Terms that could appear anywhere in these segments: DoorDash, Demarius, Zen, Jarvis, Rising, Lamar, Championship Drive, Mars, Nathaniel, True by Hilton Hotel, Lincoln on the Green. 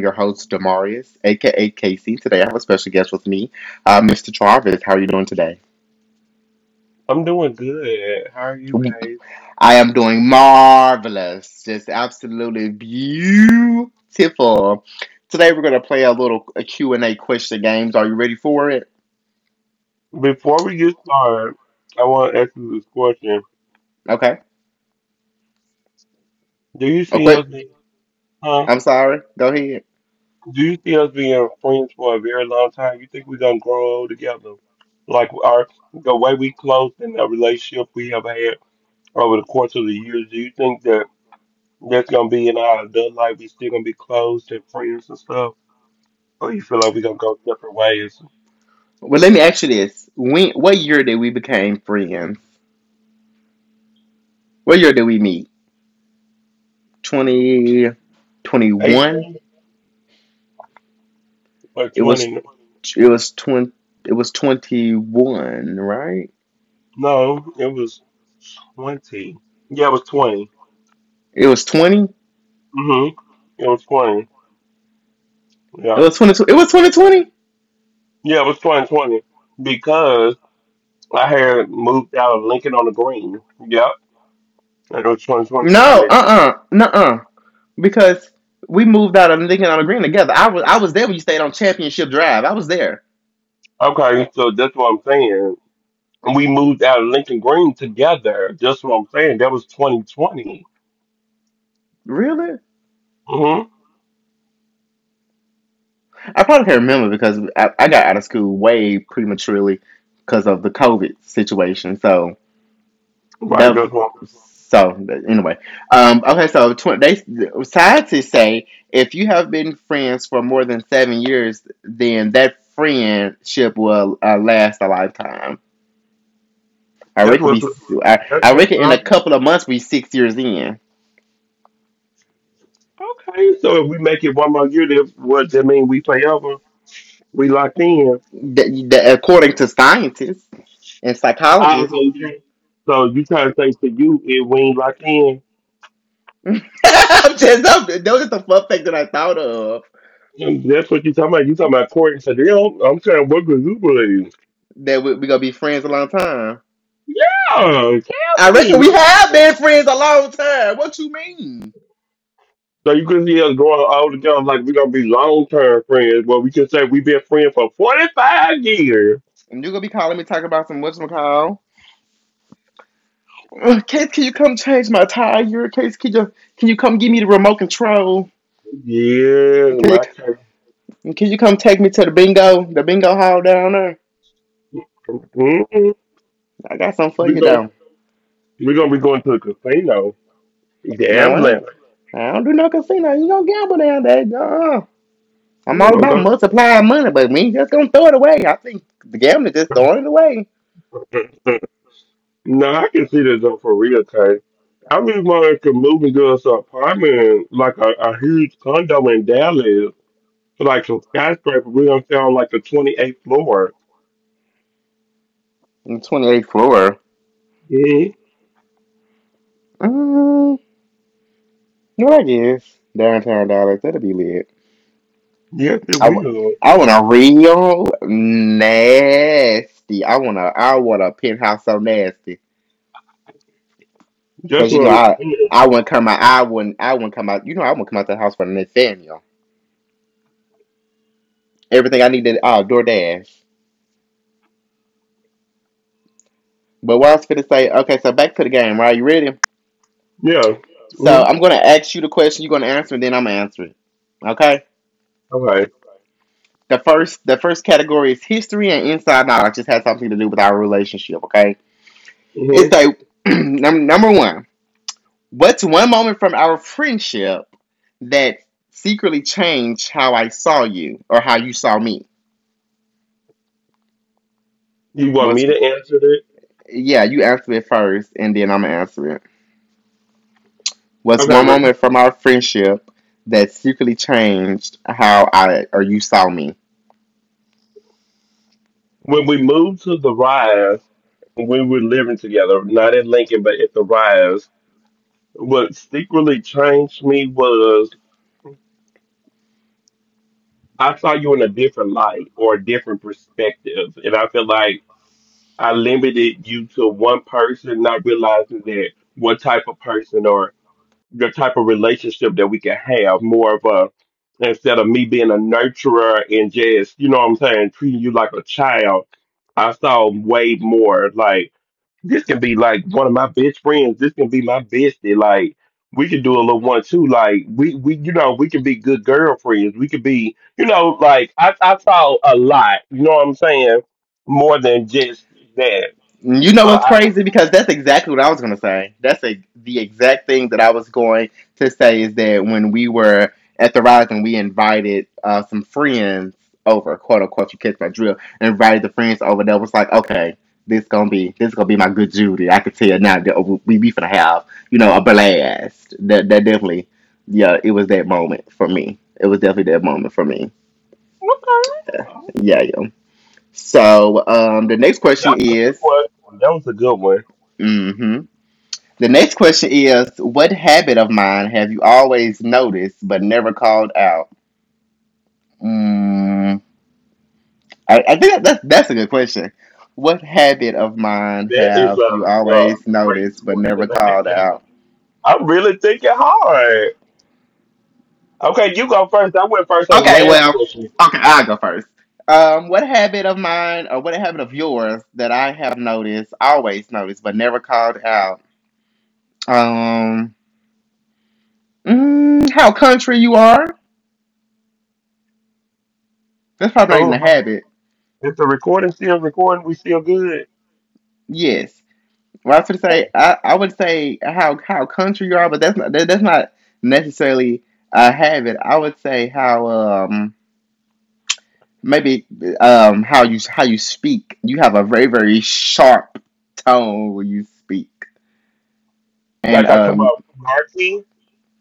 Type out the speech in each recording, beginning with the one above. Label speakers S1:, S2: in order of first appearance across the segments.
S1: your host, Demarius, aka Casey. Today I have a special guest with me, Mr. Jarvis. How are you doing today?
S2: I'm doing good. How are you, Kate?
S1: I am doing marvelous, just absolutely beautiful. Today we're gonna play a little a Q&A question games. Are you ready for it?
S2: Before we get started, I want to ask you this question.
S1: Okay.
S2: Do you see
S1: Okay.
S2: us being, huh?
S1: I'm sorry. Go ahead.
S2: Do you see us being friends for a very long time? You think we're gonna grow old together? Like our the way we close in the relationship we have had over the course of the years, do you think that that's gonna be in our adult life? We still gonna be close and friends and stuff? Or you feel like we're gonna go separate ways?
S1: Well, let me ask you this: What year did we became friends? What year did we meet? 2021.
S2: 18 or
S1: It was
S2: 20?
S1: it was twenty it was 21, right?
S2: No, it was 20. Yeah, it was 20.
S1: It was 20.
S2: Mhm. It was 20.
S1: It
S2: Yeah.
S1: was 22. It was 2020.
S2: Yeah, it was 2020 because I had moved out of Lincoln on the Green. Yep. It was 2020 when I
S1: No,
S2: met
S1: because we moved out of Lincoln on the Green together. I was there when you stayed on Championship Drive. I was there.
S2: you. Okay, so that's what I'm saying. We moved out of Lincoln Green together. That's what I'm saying. That was 2020.
S1: Really?
S2: Mhm.
S1: I probably can't remember because I got out of school way prematurely because of the COVID situation.
S2: Right.
S1: The
S2: That's what.
S1: so the- anyway, okay. So they scientists say if you have been friends for more than 7 years, then that friendship will last a lifetime. I
S2: That's
S1: reckon
S2: what's.
S1: we, I,
S2: That's
S1: I
S2: what's
S1: reckon in
S2: up.
S1: a couple of months we 6 years in.
S2: Okay. So if we make it one more year, then what that mean? We forever. We locked in.
S1: According to scientists and
S2: I,
S1: psychologists,
S2: so you trying to say to you if we ain't locked in?
S1: that was just a fun fact that I thought of
S2: And that's what you talking about. You talking about Corey and Chanel. I'm saying, what could you believe?
S1: that we gonna be friends a long time.
S2: Yeah,
S1: I
S2: tell me.
S1: reckon we
S2: Like,
S1: have been friends a long time. What you mean?
S2: so you could see us growing all together like we're going to be long term friends, but we can say we've been friends for 45 years.
S1: And you gonna be calling me talking about some whatchamacall. Case, can you come change my tire? Case, can you come give me the remote control?
S2: Yeah,
S1: Can you
S2: my cousin.
S1: can you come take me to the bingo hall down there?
S2: Mm-hmm.
S1: I got something for
S2: We're
S1: you
S2: going
S1: though.
S2: we gonna be going to the casino,
S1: No, I ain't.
S2: gambling.
S1: I don't do no casino. You don't gamble down there? No. I'm all
S2: I'm
S1: about
S2: go-
S1: multiplying money, but we just gonna throw it away. I think the gambling just throwing it away.
S2: no, I can see this though for real, Tay. I really wanted to move into this apartment, like a huge condo in Dallas. Like a skyscraper, we're gonna sound like the 28th floor.
S1: On the 28th floor.
S2: Hmm,
S1: Um, no, I guess downtown Dallas. That'll be lit.
S2: yes, it
S1: I, wa-
S2: will.
S1: I want a real nasty. I want a penthouse so nasty.
S2: That's
S1: Cause you
S2: what
S1: know
S2: I'm
S1: I
S2: saying.
S1: I wouldn't come out. I wouldn't come out. You know I wouldn't come out the house for Nathaniel. Everything I needed. Oh, DoorDash. But what I was gonna say. Okay, so back to the game. Right, you ready?
S2: Yeah.
S1: So
S2: Hmm,
S1: I'm gonna ask you the question. You're gonna answer, and then I'm gonna answer it. Okay.
S2: okay.
S1: The first category is history and inside knowledge. This has something to do with our relationship. Okay. It's
S2: hmm
S1: like number one. What's one moment from our friendship that secretly changed how I saw you or how you saw me?
S2: You want me
S1: What's
S2: to answer that?
S1: yeah, you answer it first and then I'm gonna answer it. What's
S2: Okay.
S1: one moment from our friendship that secretly changed how I or you saw me?
S2: When we moved to the Rise, when we were living together, not in Lincoln, but at the Rise, what secretly changed me was I saw you in a different light or a different perspective, and I feel like I limited you to one person, not realizing that what type of person or the type of relationship that we can have more of a, instead of me being a nurturer and just, you know what I'm saying, treating you like a child. I saw way more, like this can be like one of my best friends, this can be my bestie, like we can do a little one too, like we we can be good girlfriends, we could be, you know, like I saw a lot, you know what I'm saying, more than just that.
S1: You know
S2: So
S1: what's
S2: I
S1: crazy? Because that's exactly what I was going to say. That's the exact thing that I was going to say is that when we were at the Rising, we invited some friends over, quote unquote, you catch my drill, and invited the friends over that was like, okay, this gonna be my good Judy. I could tell now that oh, we finna have, a blast. That definitely, yeah, it was that moment for me. It was definitely that moment for me.
S2: Okay,
S1: Yeah, yeah. So the next question
S2: that was a good
S1: is,
S2: one. That was a good one.
S1: Hmm. The next question is, what habit of mine have you always noticed but never called out? Mm, I think that's a good question. What habit of mine
S2: That is a,
S1: have you
S2: a
S1: always
S2: great
S1: noticed but never
S2: question. I
S1: called
S2: can't even.
S1: out?
S2: I'm really thinking hard. Okay, you go first. I went first on the
S1: Okay,
S2: last
S1: well,
S2: question.
S1: okay, I'll go first. What habit of yours that I have noticed, always noticed, but never called out? Um, how country you are? That's probably not even a
S2: Oh,
S1: habit.
S2: is the recording still recording? We still good?
S1: Yes. Well, I was gonna say I would say how country you are, but that's not necessarily a habit. I would say how maybe how you speak. You have a very very sharp tone when you speak, and
S2: Like I come out snarky?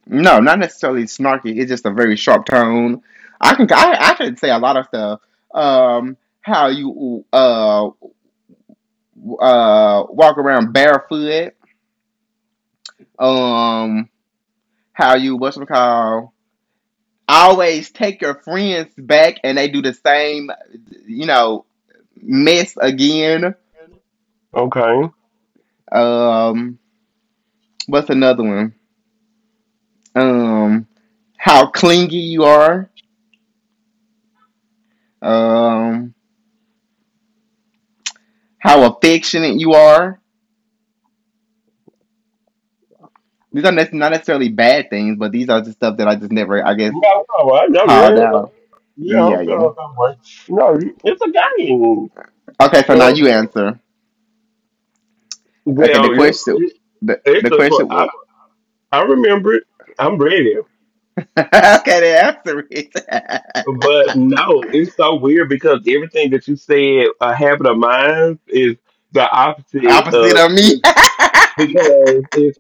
S1: no, not necessarily snarky. It's just a very sharp tone. I can say a lot of stuff. How you walk around barefoot. Um, how you, what's it called, always take your friends back and they do the same, you know, mess again.
S2: Okay.
S1: Um, what's another one? Um, how clingy you are, um, how affectionate you are. These are not necessarily bad things, but these are just stuff that I just never, I guess,
S2: No, no, I know
S1: called
S2: it.
S1: out.
S2: Yeah, I
S1: Yeah,
S2: don't feel
S1: yeah.
S2: like I'm right. No, it's a game.
S1: Okay, so now you
S2: Well,
S1: answer. Okay, the
S2: well,
S1: question, the, the
S2: it's a.
S1: question
S2: I,
S1: was,
S2: I remember it. I'm ready.
S1: okay, the answer it.
S2: But no, it's so weird because everything that you said, a habit of mind, is the opposite
S1: Opposite
S2: of
S1: of me.
S2: just because it's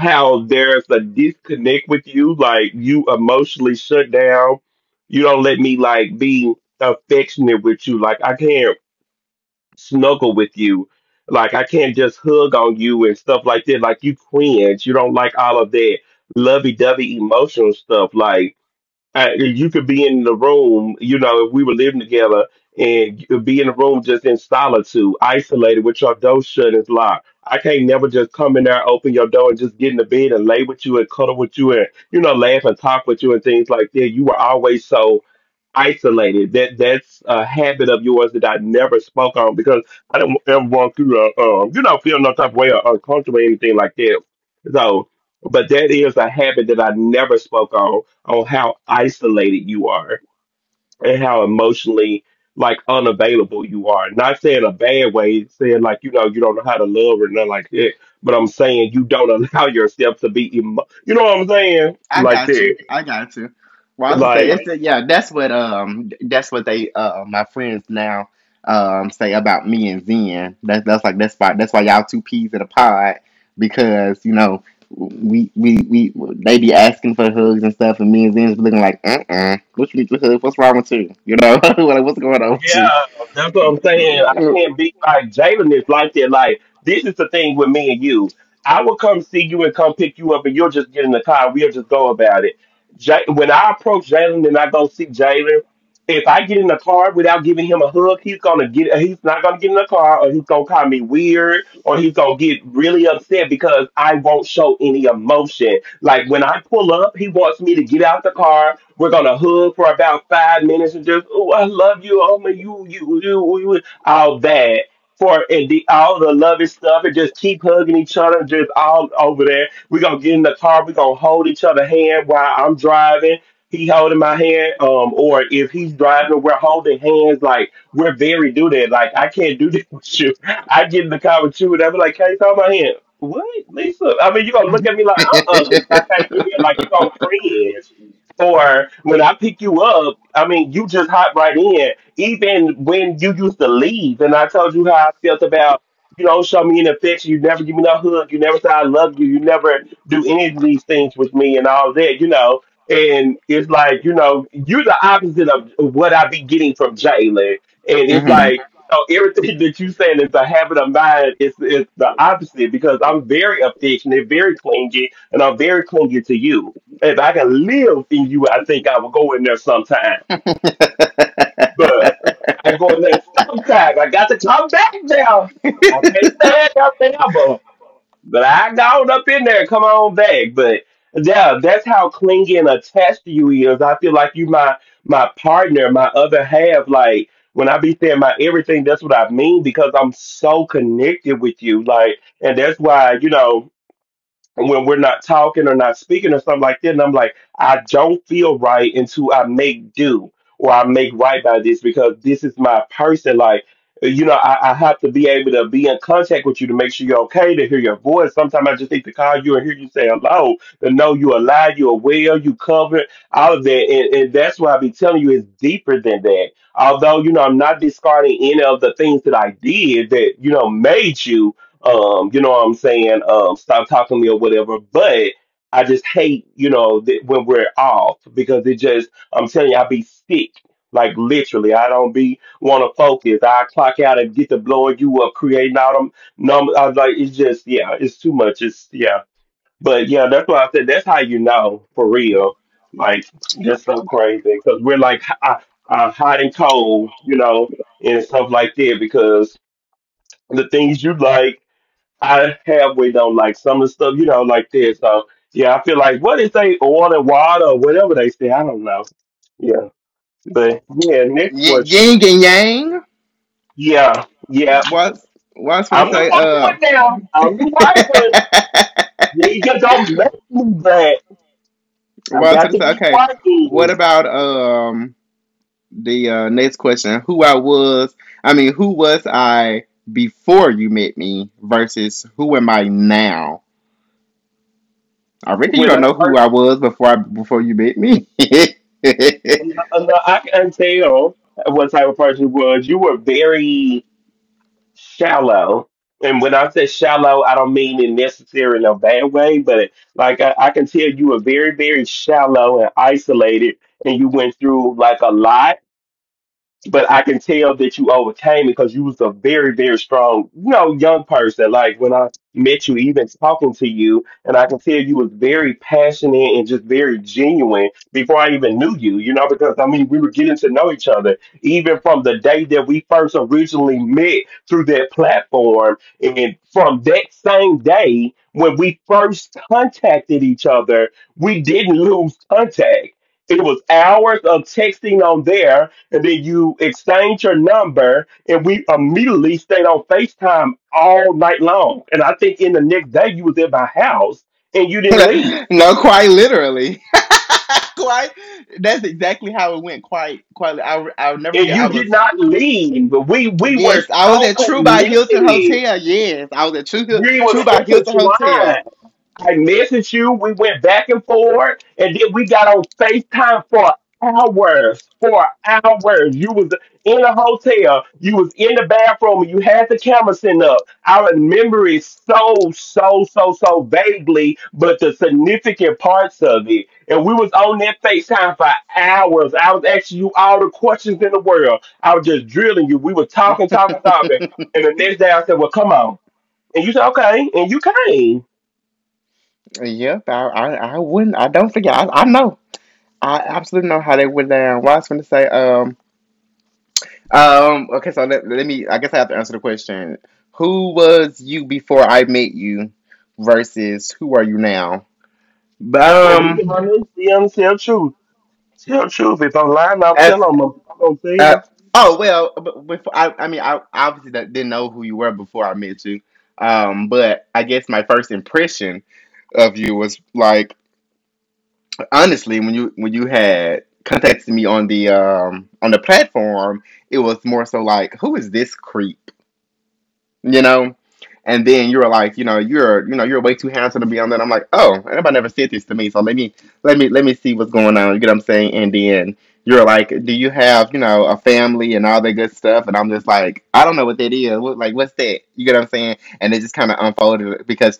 S2: how there's a disconnect with you. Like you emotionally shut down. You don't let me like be affectionate with you. Like I can't snuggle with you. Like I can't just hug on you and stuff like that. Like you cringe. You don't like all of that lovey dovey emotional stuff. Like you could be in the room, you know, if we were living together and you could be in the room just in solitude, isolated with your door shut and locked. I can't never just come in there, open your door and just get in the bed and lay with you and cuddle with you and laugh and talk with you and things like that. You were always so isolated. That's a habit of yours that I never spoke on because I don't ever want to feel no type of way or uncomfortable or anything like that. So, but that is a habit that I never spoke on how isolated you are and how emotionally like unavailable you are. Not saying a bad way, saying like you know you don't know how to love or nothing like that. But I'm saying you don't allow yourself to be, you know what I'm saying,
S1: I
S2: like
S1: got
S2: that.
S1: you. I got you. Well, I was gonna say
S2: Like,
S1: yeah. That's what they my friends now say about me and Zen. That's like that's why y'all two peas in a pod because you know we they be asking for hugs and stuff and me and Zen's be looking like what you need to hug? What's wrong with you? You know, like what's going on
S2: yeah,
S1: with
S2: that's what I'm saying. I
S1: you?
S2: can't be like Jalen is like that. Like this is the thing with me and you. I will come see you and come pick you up, and you'll just get in the car. We'll just go about it. When I approach Jalen and I go see Jalen, if I get in the car without giving him a hug, He's not gonna get in the car, or he's gonna call me weird, or he's gonna get really upset because I won't show any emotion. Like when I pull up, he wants me to get out the car. We're gonna hug for about 5 minutes and just, oh, I love you, oh my, you, all that for and the all the loving stuff and just keep hugging each other, just all over there. We're gonna get in the car, we're gonna hold each other hand while I'm driving. He holding my hand, or if he's driving, we're holding hands. Like we're very do that. Like I can't do that with you. I get in the car with you, and I'm like, "Can you hold my hand? What, Lisa?" I mean, you gonna look at me like, Lisa, I can't do that." Like you gonna cringe. Or when I pick you up, I mean, you just hop right in. Even when you used to leave, and I told you how I felt about, show me an affection. You never give me no hug. You never say I love you. You never do any of these things with me and all that. And it's like, you're the opposite of what I be getting from Jalen. And it's
S1: Mm-hmm.
S2: like, so everything that you saying is a habit of mine. It's the opposite because I'm very affectionate, very clingy, and I'm very clingy to you. If I could live in you, I think I would go in there sometime. But I go in there sometimes. I got to come back there. I can't stand up there, but I got up in there. Come on back. But yeah, that's how clingy and attached you is. I feel like you my partner, my other half. Like when I be saying my everything, that's what I mean because I'm so connected with you. Like, and that's why you know when we're not talking or not speaking or something like that. And I'm like, I don't feel right until I make do or I make right by this because this is my person. Like, I have to be able to be in contact with you to make sure you're okay, to hear your voice. Sometimes I just need to call you and hear you say hello, to know you're alive, you're well, you covered, all of that. And that's why I be telling you it's deeper than that. Although, I'm not discarding any of the things that I did that, made you you know what I'm saying, stop talking to me or whatever. But I just hate, that when we're off because it just, I'm telling you, I be sick. Like literally, I don't be want to focus. I clock out and get to blowing you up, creating all them numbers. I was like, it's just, yeah, it's too much. It's yeah, but yeah, that's why I said that's how you know for real. Like that's so crazy because we're like hot and cold, and stuff like that because the things you like I halfway don't like some of the stuff, like this. So yeah, I feel like what is they order water or whatever they say, I don't know. Yeah. But yeah, next
S1: Yin
S2: question.
S1: yin and yang.
S2: Yeah, yeah.
S1: What's what's gonna
S2: I'm the
S1: say?
S2: white one now. I'm the white one. Yeah, you don't make me that. I
S1: What's
S2: got
S1: gonna
S2: to
S1: say?
S2: be
S1: Okay, what
S2: white
S1: about the next question? Who I was? I mean, who was I before you met me versus who am I now? I reckon you
S2: when
S1: don't
S2: I
S1: know who
S2: first.
S1: I was before you met me.
S2: I can tell what type of person you was. You were very shallow. And when I say shallow, I don't mean it necessarily in a bad way, but like I can tell you were very, very shallow and isolated, and you went through like a lot, but I can tell that you overcame it because you was a very, very strong, young person. Like when I met you, even talking to you, and I can tell you was very passionate and just very genuine before I even knew you, because I mean, we were getting to know each other even from the day that we first originally met through that platform. And from that same day, when we first contacted each other, we didn't lose contact. It was hours of texting on there, and then you exchange your number, and we immediately stayed on FaceTime all night long. And I think in the next day you was at my house and you didn't leave.
S1: No, quite literally. Quite. That's exactly how it went. Quite, quite. I'll never
S2: And
S1: get. I
S2: you
S1: was
S2: did not leave. But we were
S1: Yes, I was
S2: so
S1: at True by Hilton
S2: connected.
S1: Hotel. Yes, I was at True Hil-
S2: We was
S1: True by Hilton Hotel.
S2: intertwined. I messaged you. We went back and forth, and then we got on FaceTime for hours. For hours, you was in a hotel. You was in the bathroom, and you had the camera set up. I remember it so, so, so, so vaguely, but the significant parts of it. And we was on that FaceTime for hours. I was asking you all the questions in the world. I was just drilling you. We were talking, talking, talking. And the next day, I said, "Well, come on." And you said, "Okay," and you came.
S1: Yep, I wouldn't. I don't forget. I know. I absolutely know how they went down. What I was going to say, okay, so let me, I guess I have to answer the question. Who was you before I met you versus who are you now?
S2: And
S1: But,
S2: be honest, tell truth. Tell truth. If I'm lying, I'll tell
S1: if
S2: them. I'm gonna
S1: Uh,
S2: tell.
S1: oh well, but before I mean, I obviously didn't know who you were before I met you. But I guess my first impression of you was like honestly when you had contacted me on the platform, it was more so like who is this creep? You know? And then you were like, you know, you're way too handsome to be on that. I'm like, oh, everybody never said this to me, so let me see what's going on. You get what I'm saying? And then you're like, do you have a family and all that good stuff? And I'm just like, I don't know what that is. What, like, what's that? You get what I'm saying? And it just kind of unfolded because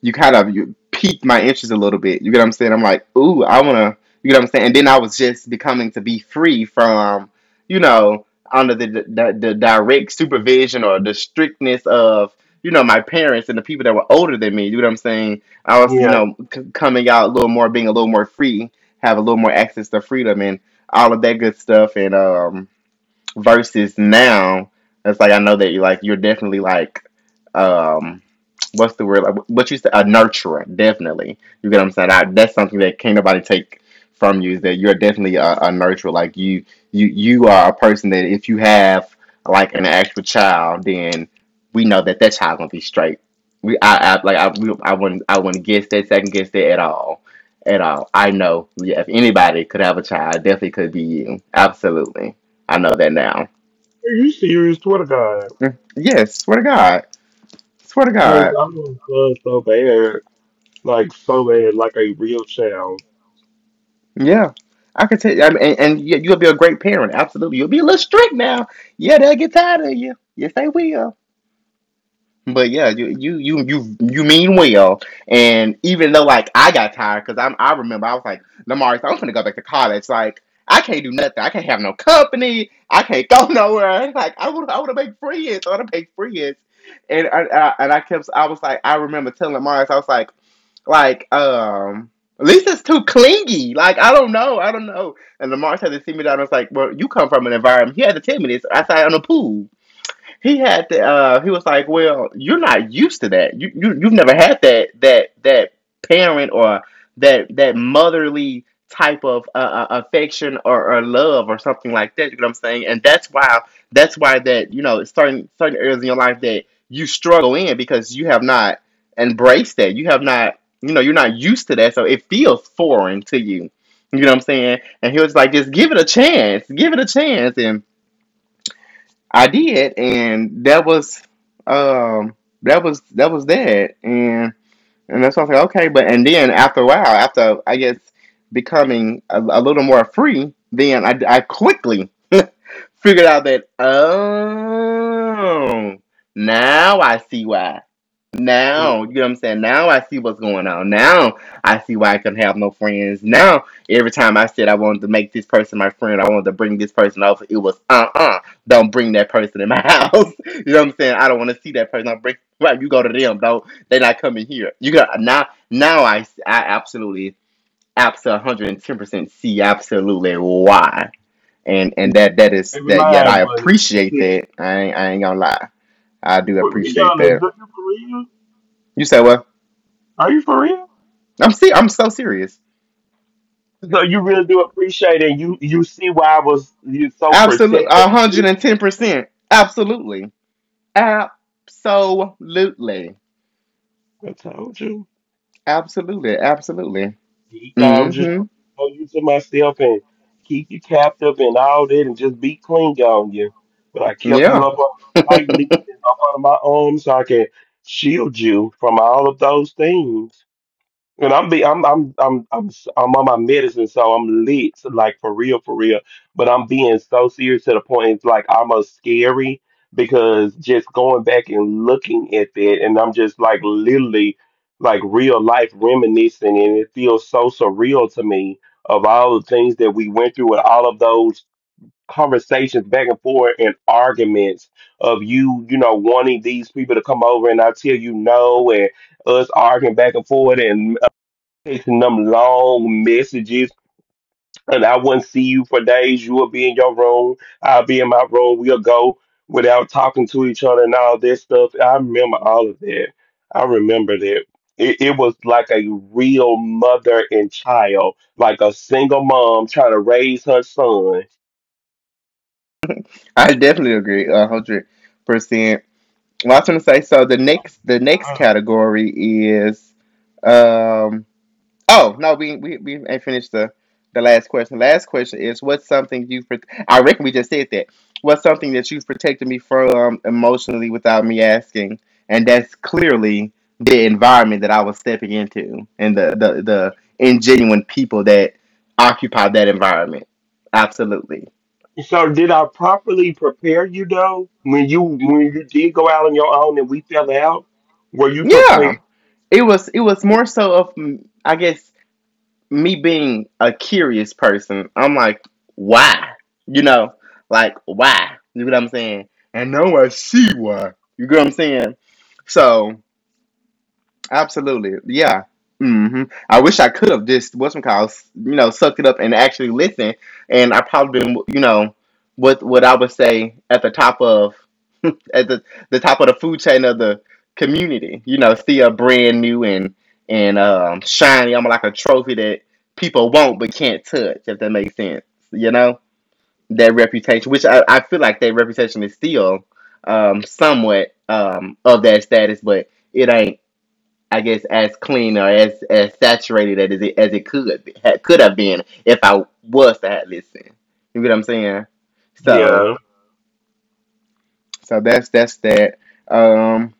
S1: you kind of you piqued my interest a little bit. You get what I'm saying? I'm like, ooh, I wanna. You get what I'm saying? And then I was just becoming to be free from, you know, under the direct supervision or the strictness of my parents and the people that were older than me. You know what I'm saying? I was, you
S2: Yeah.
S1: know, c- coming out a little more, being a little more free, have a little more access to freedom and all of that good stuff. And versus now it's like I know that you're definitely like, um what's the word, like what you say, a nurturer definitely, you get what I'm saying, that's something that can't nobody take from you is that you're definitely a nurturer, like you are a person that if you have like an actual child then we know that that child gonna be straight. We I, I like I we, I wouldn't I wouldn't guess that second guess that at all at all. I know, yeah, if anybody could have a child it definitely could be you, absolutely. I know that now.
S2: Are you serious? Swear to God.
S1: Yes, swear to God, swear to
S2: Cause
S1: God.
S2: I'm gonna fun so bad, like a real child.
S1: Yeah, I could tell. You, I mean, and you'll be a great parent. Absolutely, you'll be a little strict now. Yeah, they'll get tired of you. Yes, they will. But yeah, you mean well. And even though like I got tired because I remember I was like, Lamar, I'm gonna go back to college. Like I can't do nothing. I can't have no company. I can't go nowhere. Like I want to make friends. I want to make friends. And I kept I was like I remember telling Mars. I was like. Like, Lisa's too clingy. Like, I don't know. I don't know. And Lamar had to see me down. I was like, well, you come from an environment. He had to tell me this outside on the pool. He had to. He was like, "Well, you're not used to that. You've never had that that parent or that motherly type of affection or love or something like that. You know what I'm saying? And that's why that, you know, certain areas in your life that you struggle in because you have not embraced that. You have not, you know, you're not used to that, so it feels foreign to you. You know what I'm saying?" And he was like, just give it a chance, give it a chance, and I did, and that was um that was that was that, and that's why I was like, okay, but. And then after a while, after I guess becoming a little more free, then I quickly figured out that, oh, now I see why. Now, you
S2: Mm.
S1: know what I'm saying? Now I see what's going on. Now I see why I couldn't have no friends. Now, every time I said I wanted to make this person my friend, I wanted to bring this person over, it was do not bring that person in my house. You know what I'm saying? I don't want to see that person. I bring, right, you go to them, don't, they not coming here. You got now, now I absolutely, absolutely 110% see absolutely why. And that is
S2: Every
S1: that. Yet
S2: line
S1: I
S2: was.
S1: appreciate that. I ain't gonna lie. I do
S2: Be
S1: appreciate
S2: honest.
S1: that.
S2: Are you for real?
S1: You say what?
S2: Are you for real?
S1: I'm see. I'm so serious.
S2: So you really do appreciate it. You see why I was you so
S1: Absolutely,
S2: protective
S1: one
S2: of
S1: hundred
S2: you.
S1: and ten percent. Absolutely. Absolutely.
S2: I told you.
S1: Absolutely. Absolutely.
S2: He thought I'm just trying
S1: Mm-hmm.
S2: to hold you to myself and keep you captive and all that and just be cling on you. But I kept you
S1: Yeah.
S2: up on tightly up under my arm so I can shield you from all of those things. And I'm be I'm s- I'm on my medicine, so I'm lit, like for real, for real. But I'm being so serious to the point it's like almost scary because just going back and looking at that, and I'm just like literally like real life reminiscing, and it feels so surreal to me of all the things that we went through and all of those conversations back and forth and arguments of you, you know, wanting these people to come over and I tell you no and us arguing back and forth and texting them long messages, and I wouldn't see you for days. You would be in your room, I'll be in my room. We'll go without talking to each other and all that stuff. I remember all of that. I remember that. It was like a real mother and child, like a single mom trying to raise her son.
S1: I definitely agree. 100%. Well, I was gonna say. So the next
S2: Ah.
S1: category is, um, oh no, we ain't finished the last question. Last question is what's something you I reckon we just said that. What's something that you've protected me from, emotionally, without me asking? And that's clearly the environment that I was stepping into and the ingenuine people that occupied that environment. Absolutely.
S2: So did I properly prepare you though? When you did go out on your own and we fell out, were you prepared?
S1: Yeah. It was more so of mm, I guess me being a curious person, I'm like, why? You know, like why? You know what I'm saying? And now I see why. You get what I'm saying? So absolutely. Yeah. Hmm, I wish I could have just what's some calls, you know, sucked it up and actually listened. And I probably been, you know, what I would say at the top of at the top of the food chain of the community. You know, still brand new and shiny, I'm like a trophy that people want but can't touch, if that makes sense. You know? That reputation, which I feel like that reputation is still, um, somewhat, um, of that status, but it ain't I guess as clean or as saturated as it could have been if I was to have listened. You get what I'm saying? So
S2: Yeah.
S1: that's that. Um,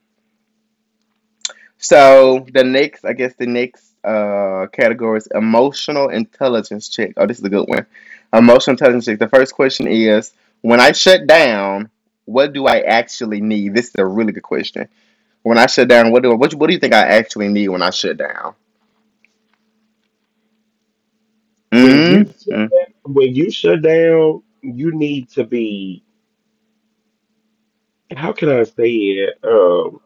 S1: so the next I guess the next, category is emotional intelligence check. Oh, this is a good one. Emotional intelligence check. The first question is when I shut down, what do I actually need? This is a really good question. When I shut down, what do you think I actually need when I shut down?
S2: When you
S1: Mm-hmm.
S2: when you shut down, you need to be, how can I say it?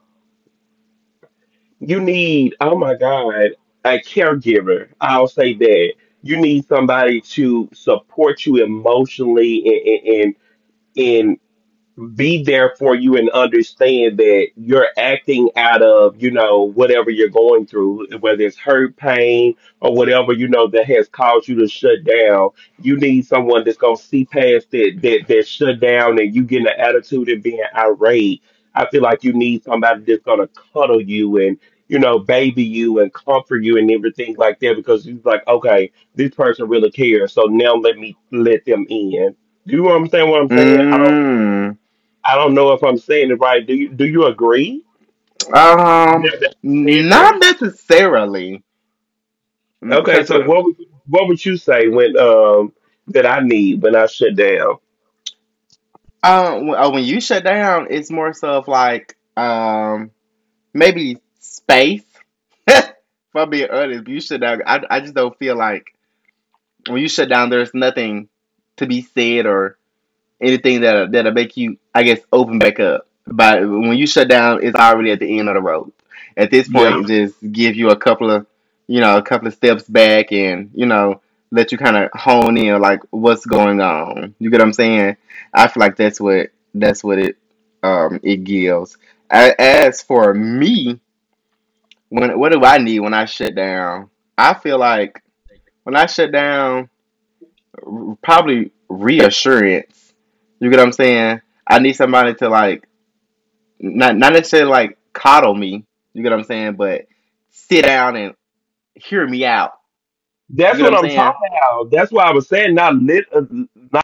S2: You need, oh my God, a caregiver. I'll say that you need somebody to support you emotionally and and. Be there for you and understand that you're acting out of, you know, whatever you're going through, whether it's hurt, pain, or whatever, you know, that has caused you to shut down. You need someone that's gonna see past that shut down and you getting an attitude and being irate. I feel like you need somebody that's gonna cuddle you and, you know, baby you and comfort you and everything like that because it's like, okay, this person really cares. So now let me let them in. Do you understand what I'm saying? I don't.
S1: Mm,
S2: I don't know if I'm saying it right. Do you agree
S1: um,
S2: that I said
S1: not
S2: that?
S1: necessarily,
S2: Okay,
S1: because,
S2: so what would you say when that I need when I shut down?
S1: when you shut down, it's more so of like, um, maybe space. If I'm being honest, you shut down. I just don't feel like when you shut down, there's nothing to be said or anything that'll make you, I guess, open back up. But when you shut down, it's already at the end of the road. At this
S2: Yeah,
S1: point, just give you a couple of, you know, a couple of steps back, and, you know, let you kind of hone in like what's going on. You get what I'm saying? I feel like that's what it it gives. A- As for me, when what do I need when I shut down? I feel like when I shut down probably reassurance. You get what I'm saying? I need somebody to like not necessarily like coddle me. You get what I'm saying? But sit down and hear me out. You
S2: that's
S1: get what
S2: what
S1: I'm
S2: I'm
S1: saying?
S2: talking about. That's why I was saying not lit,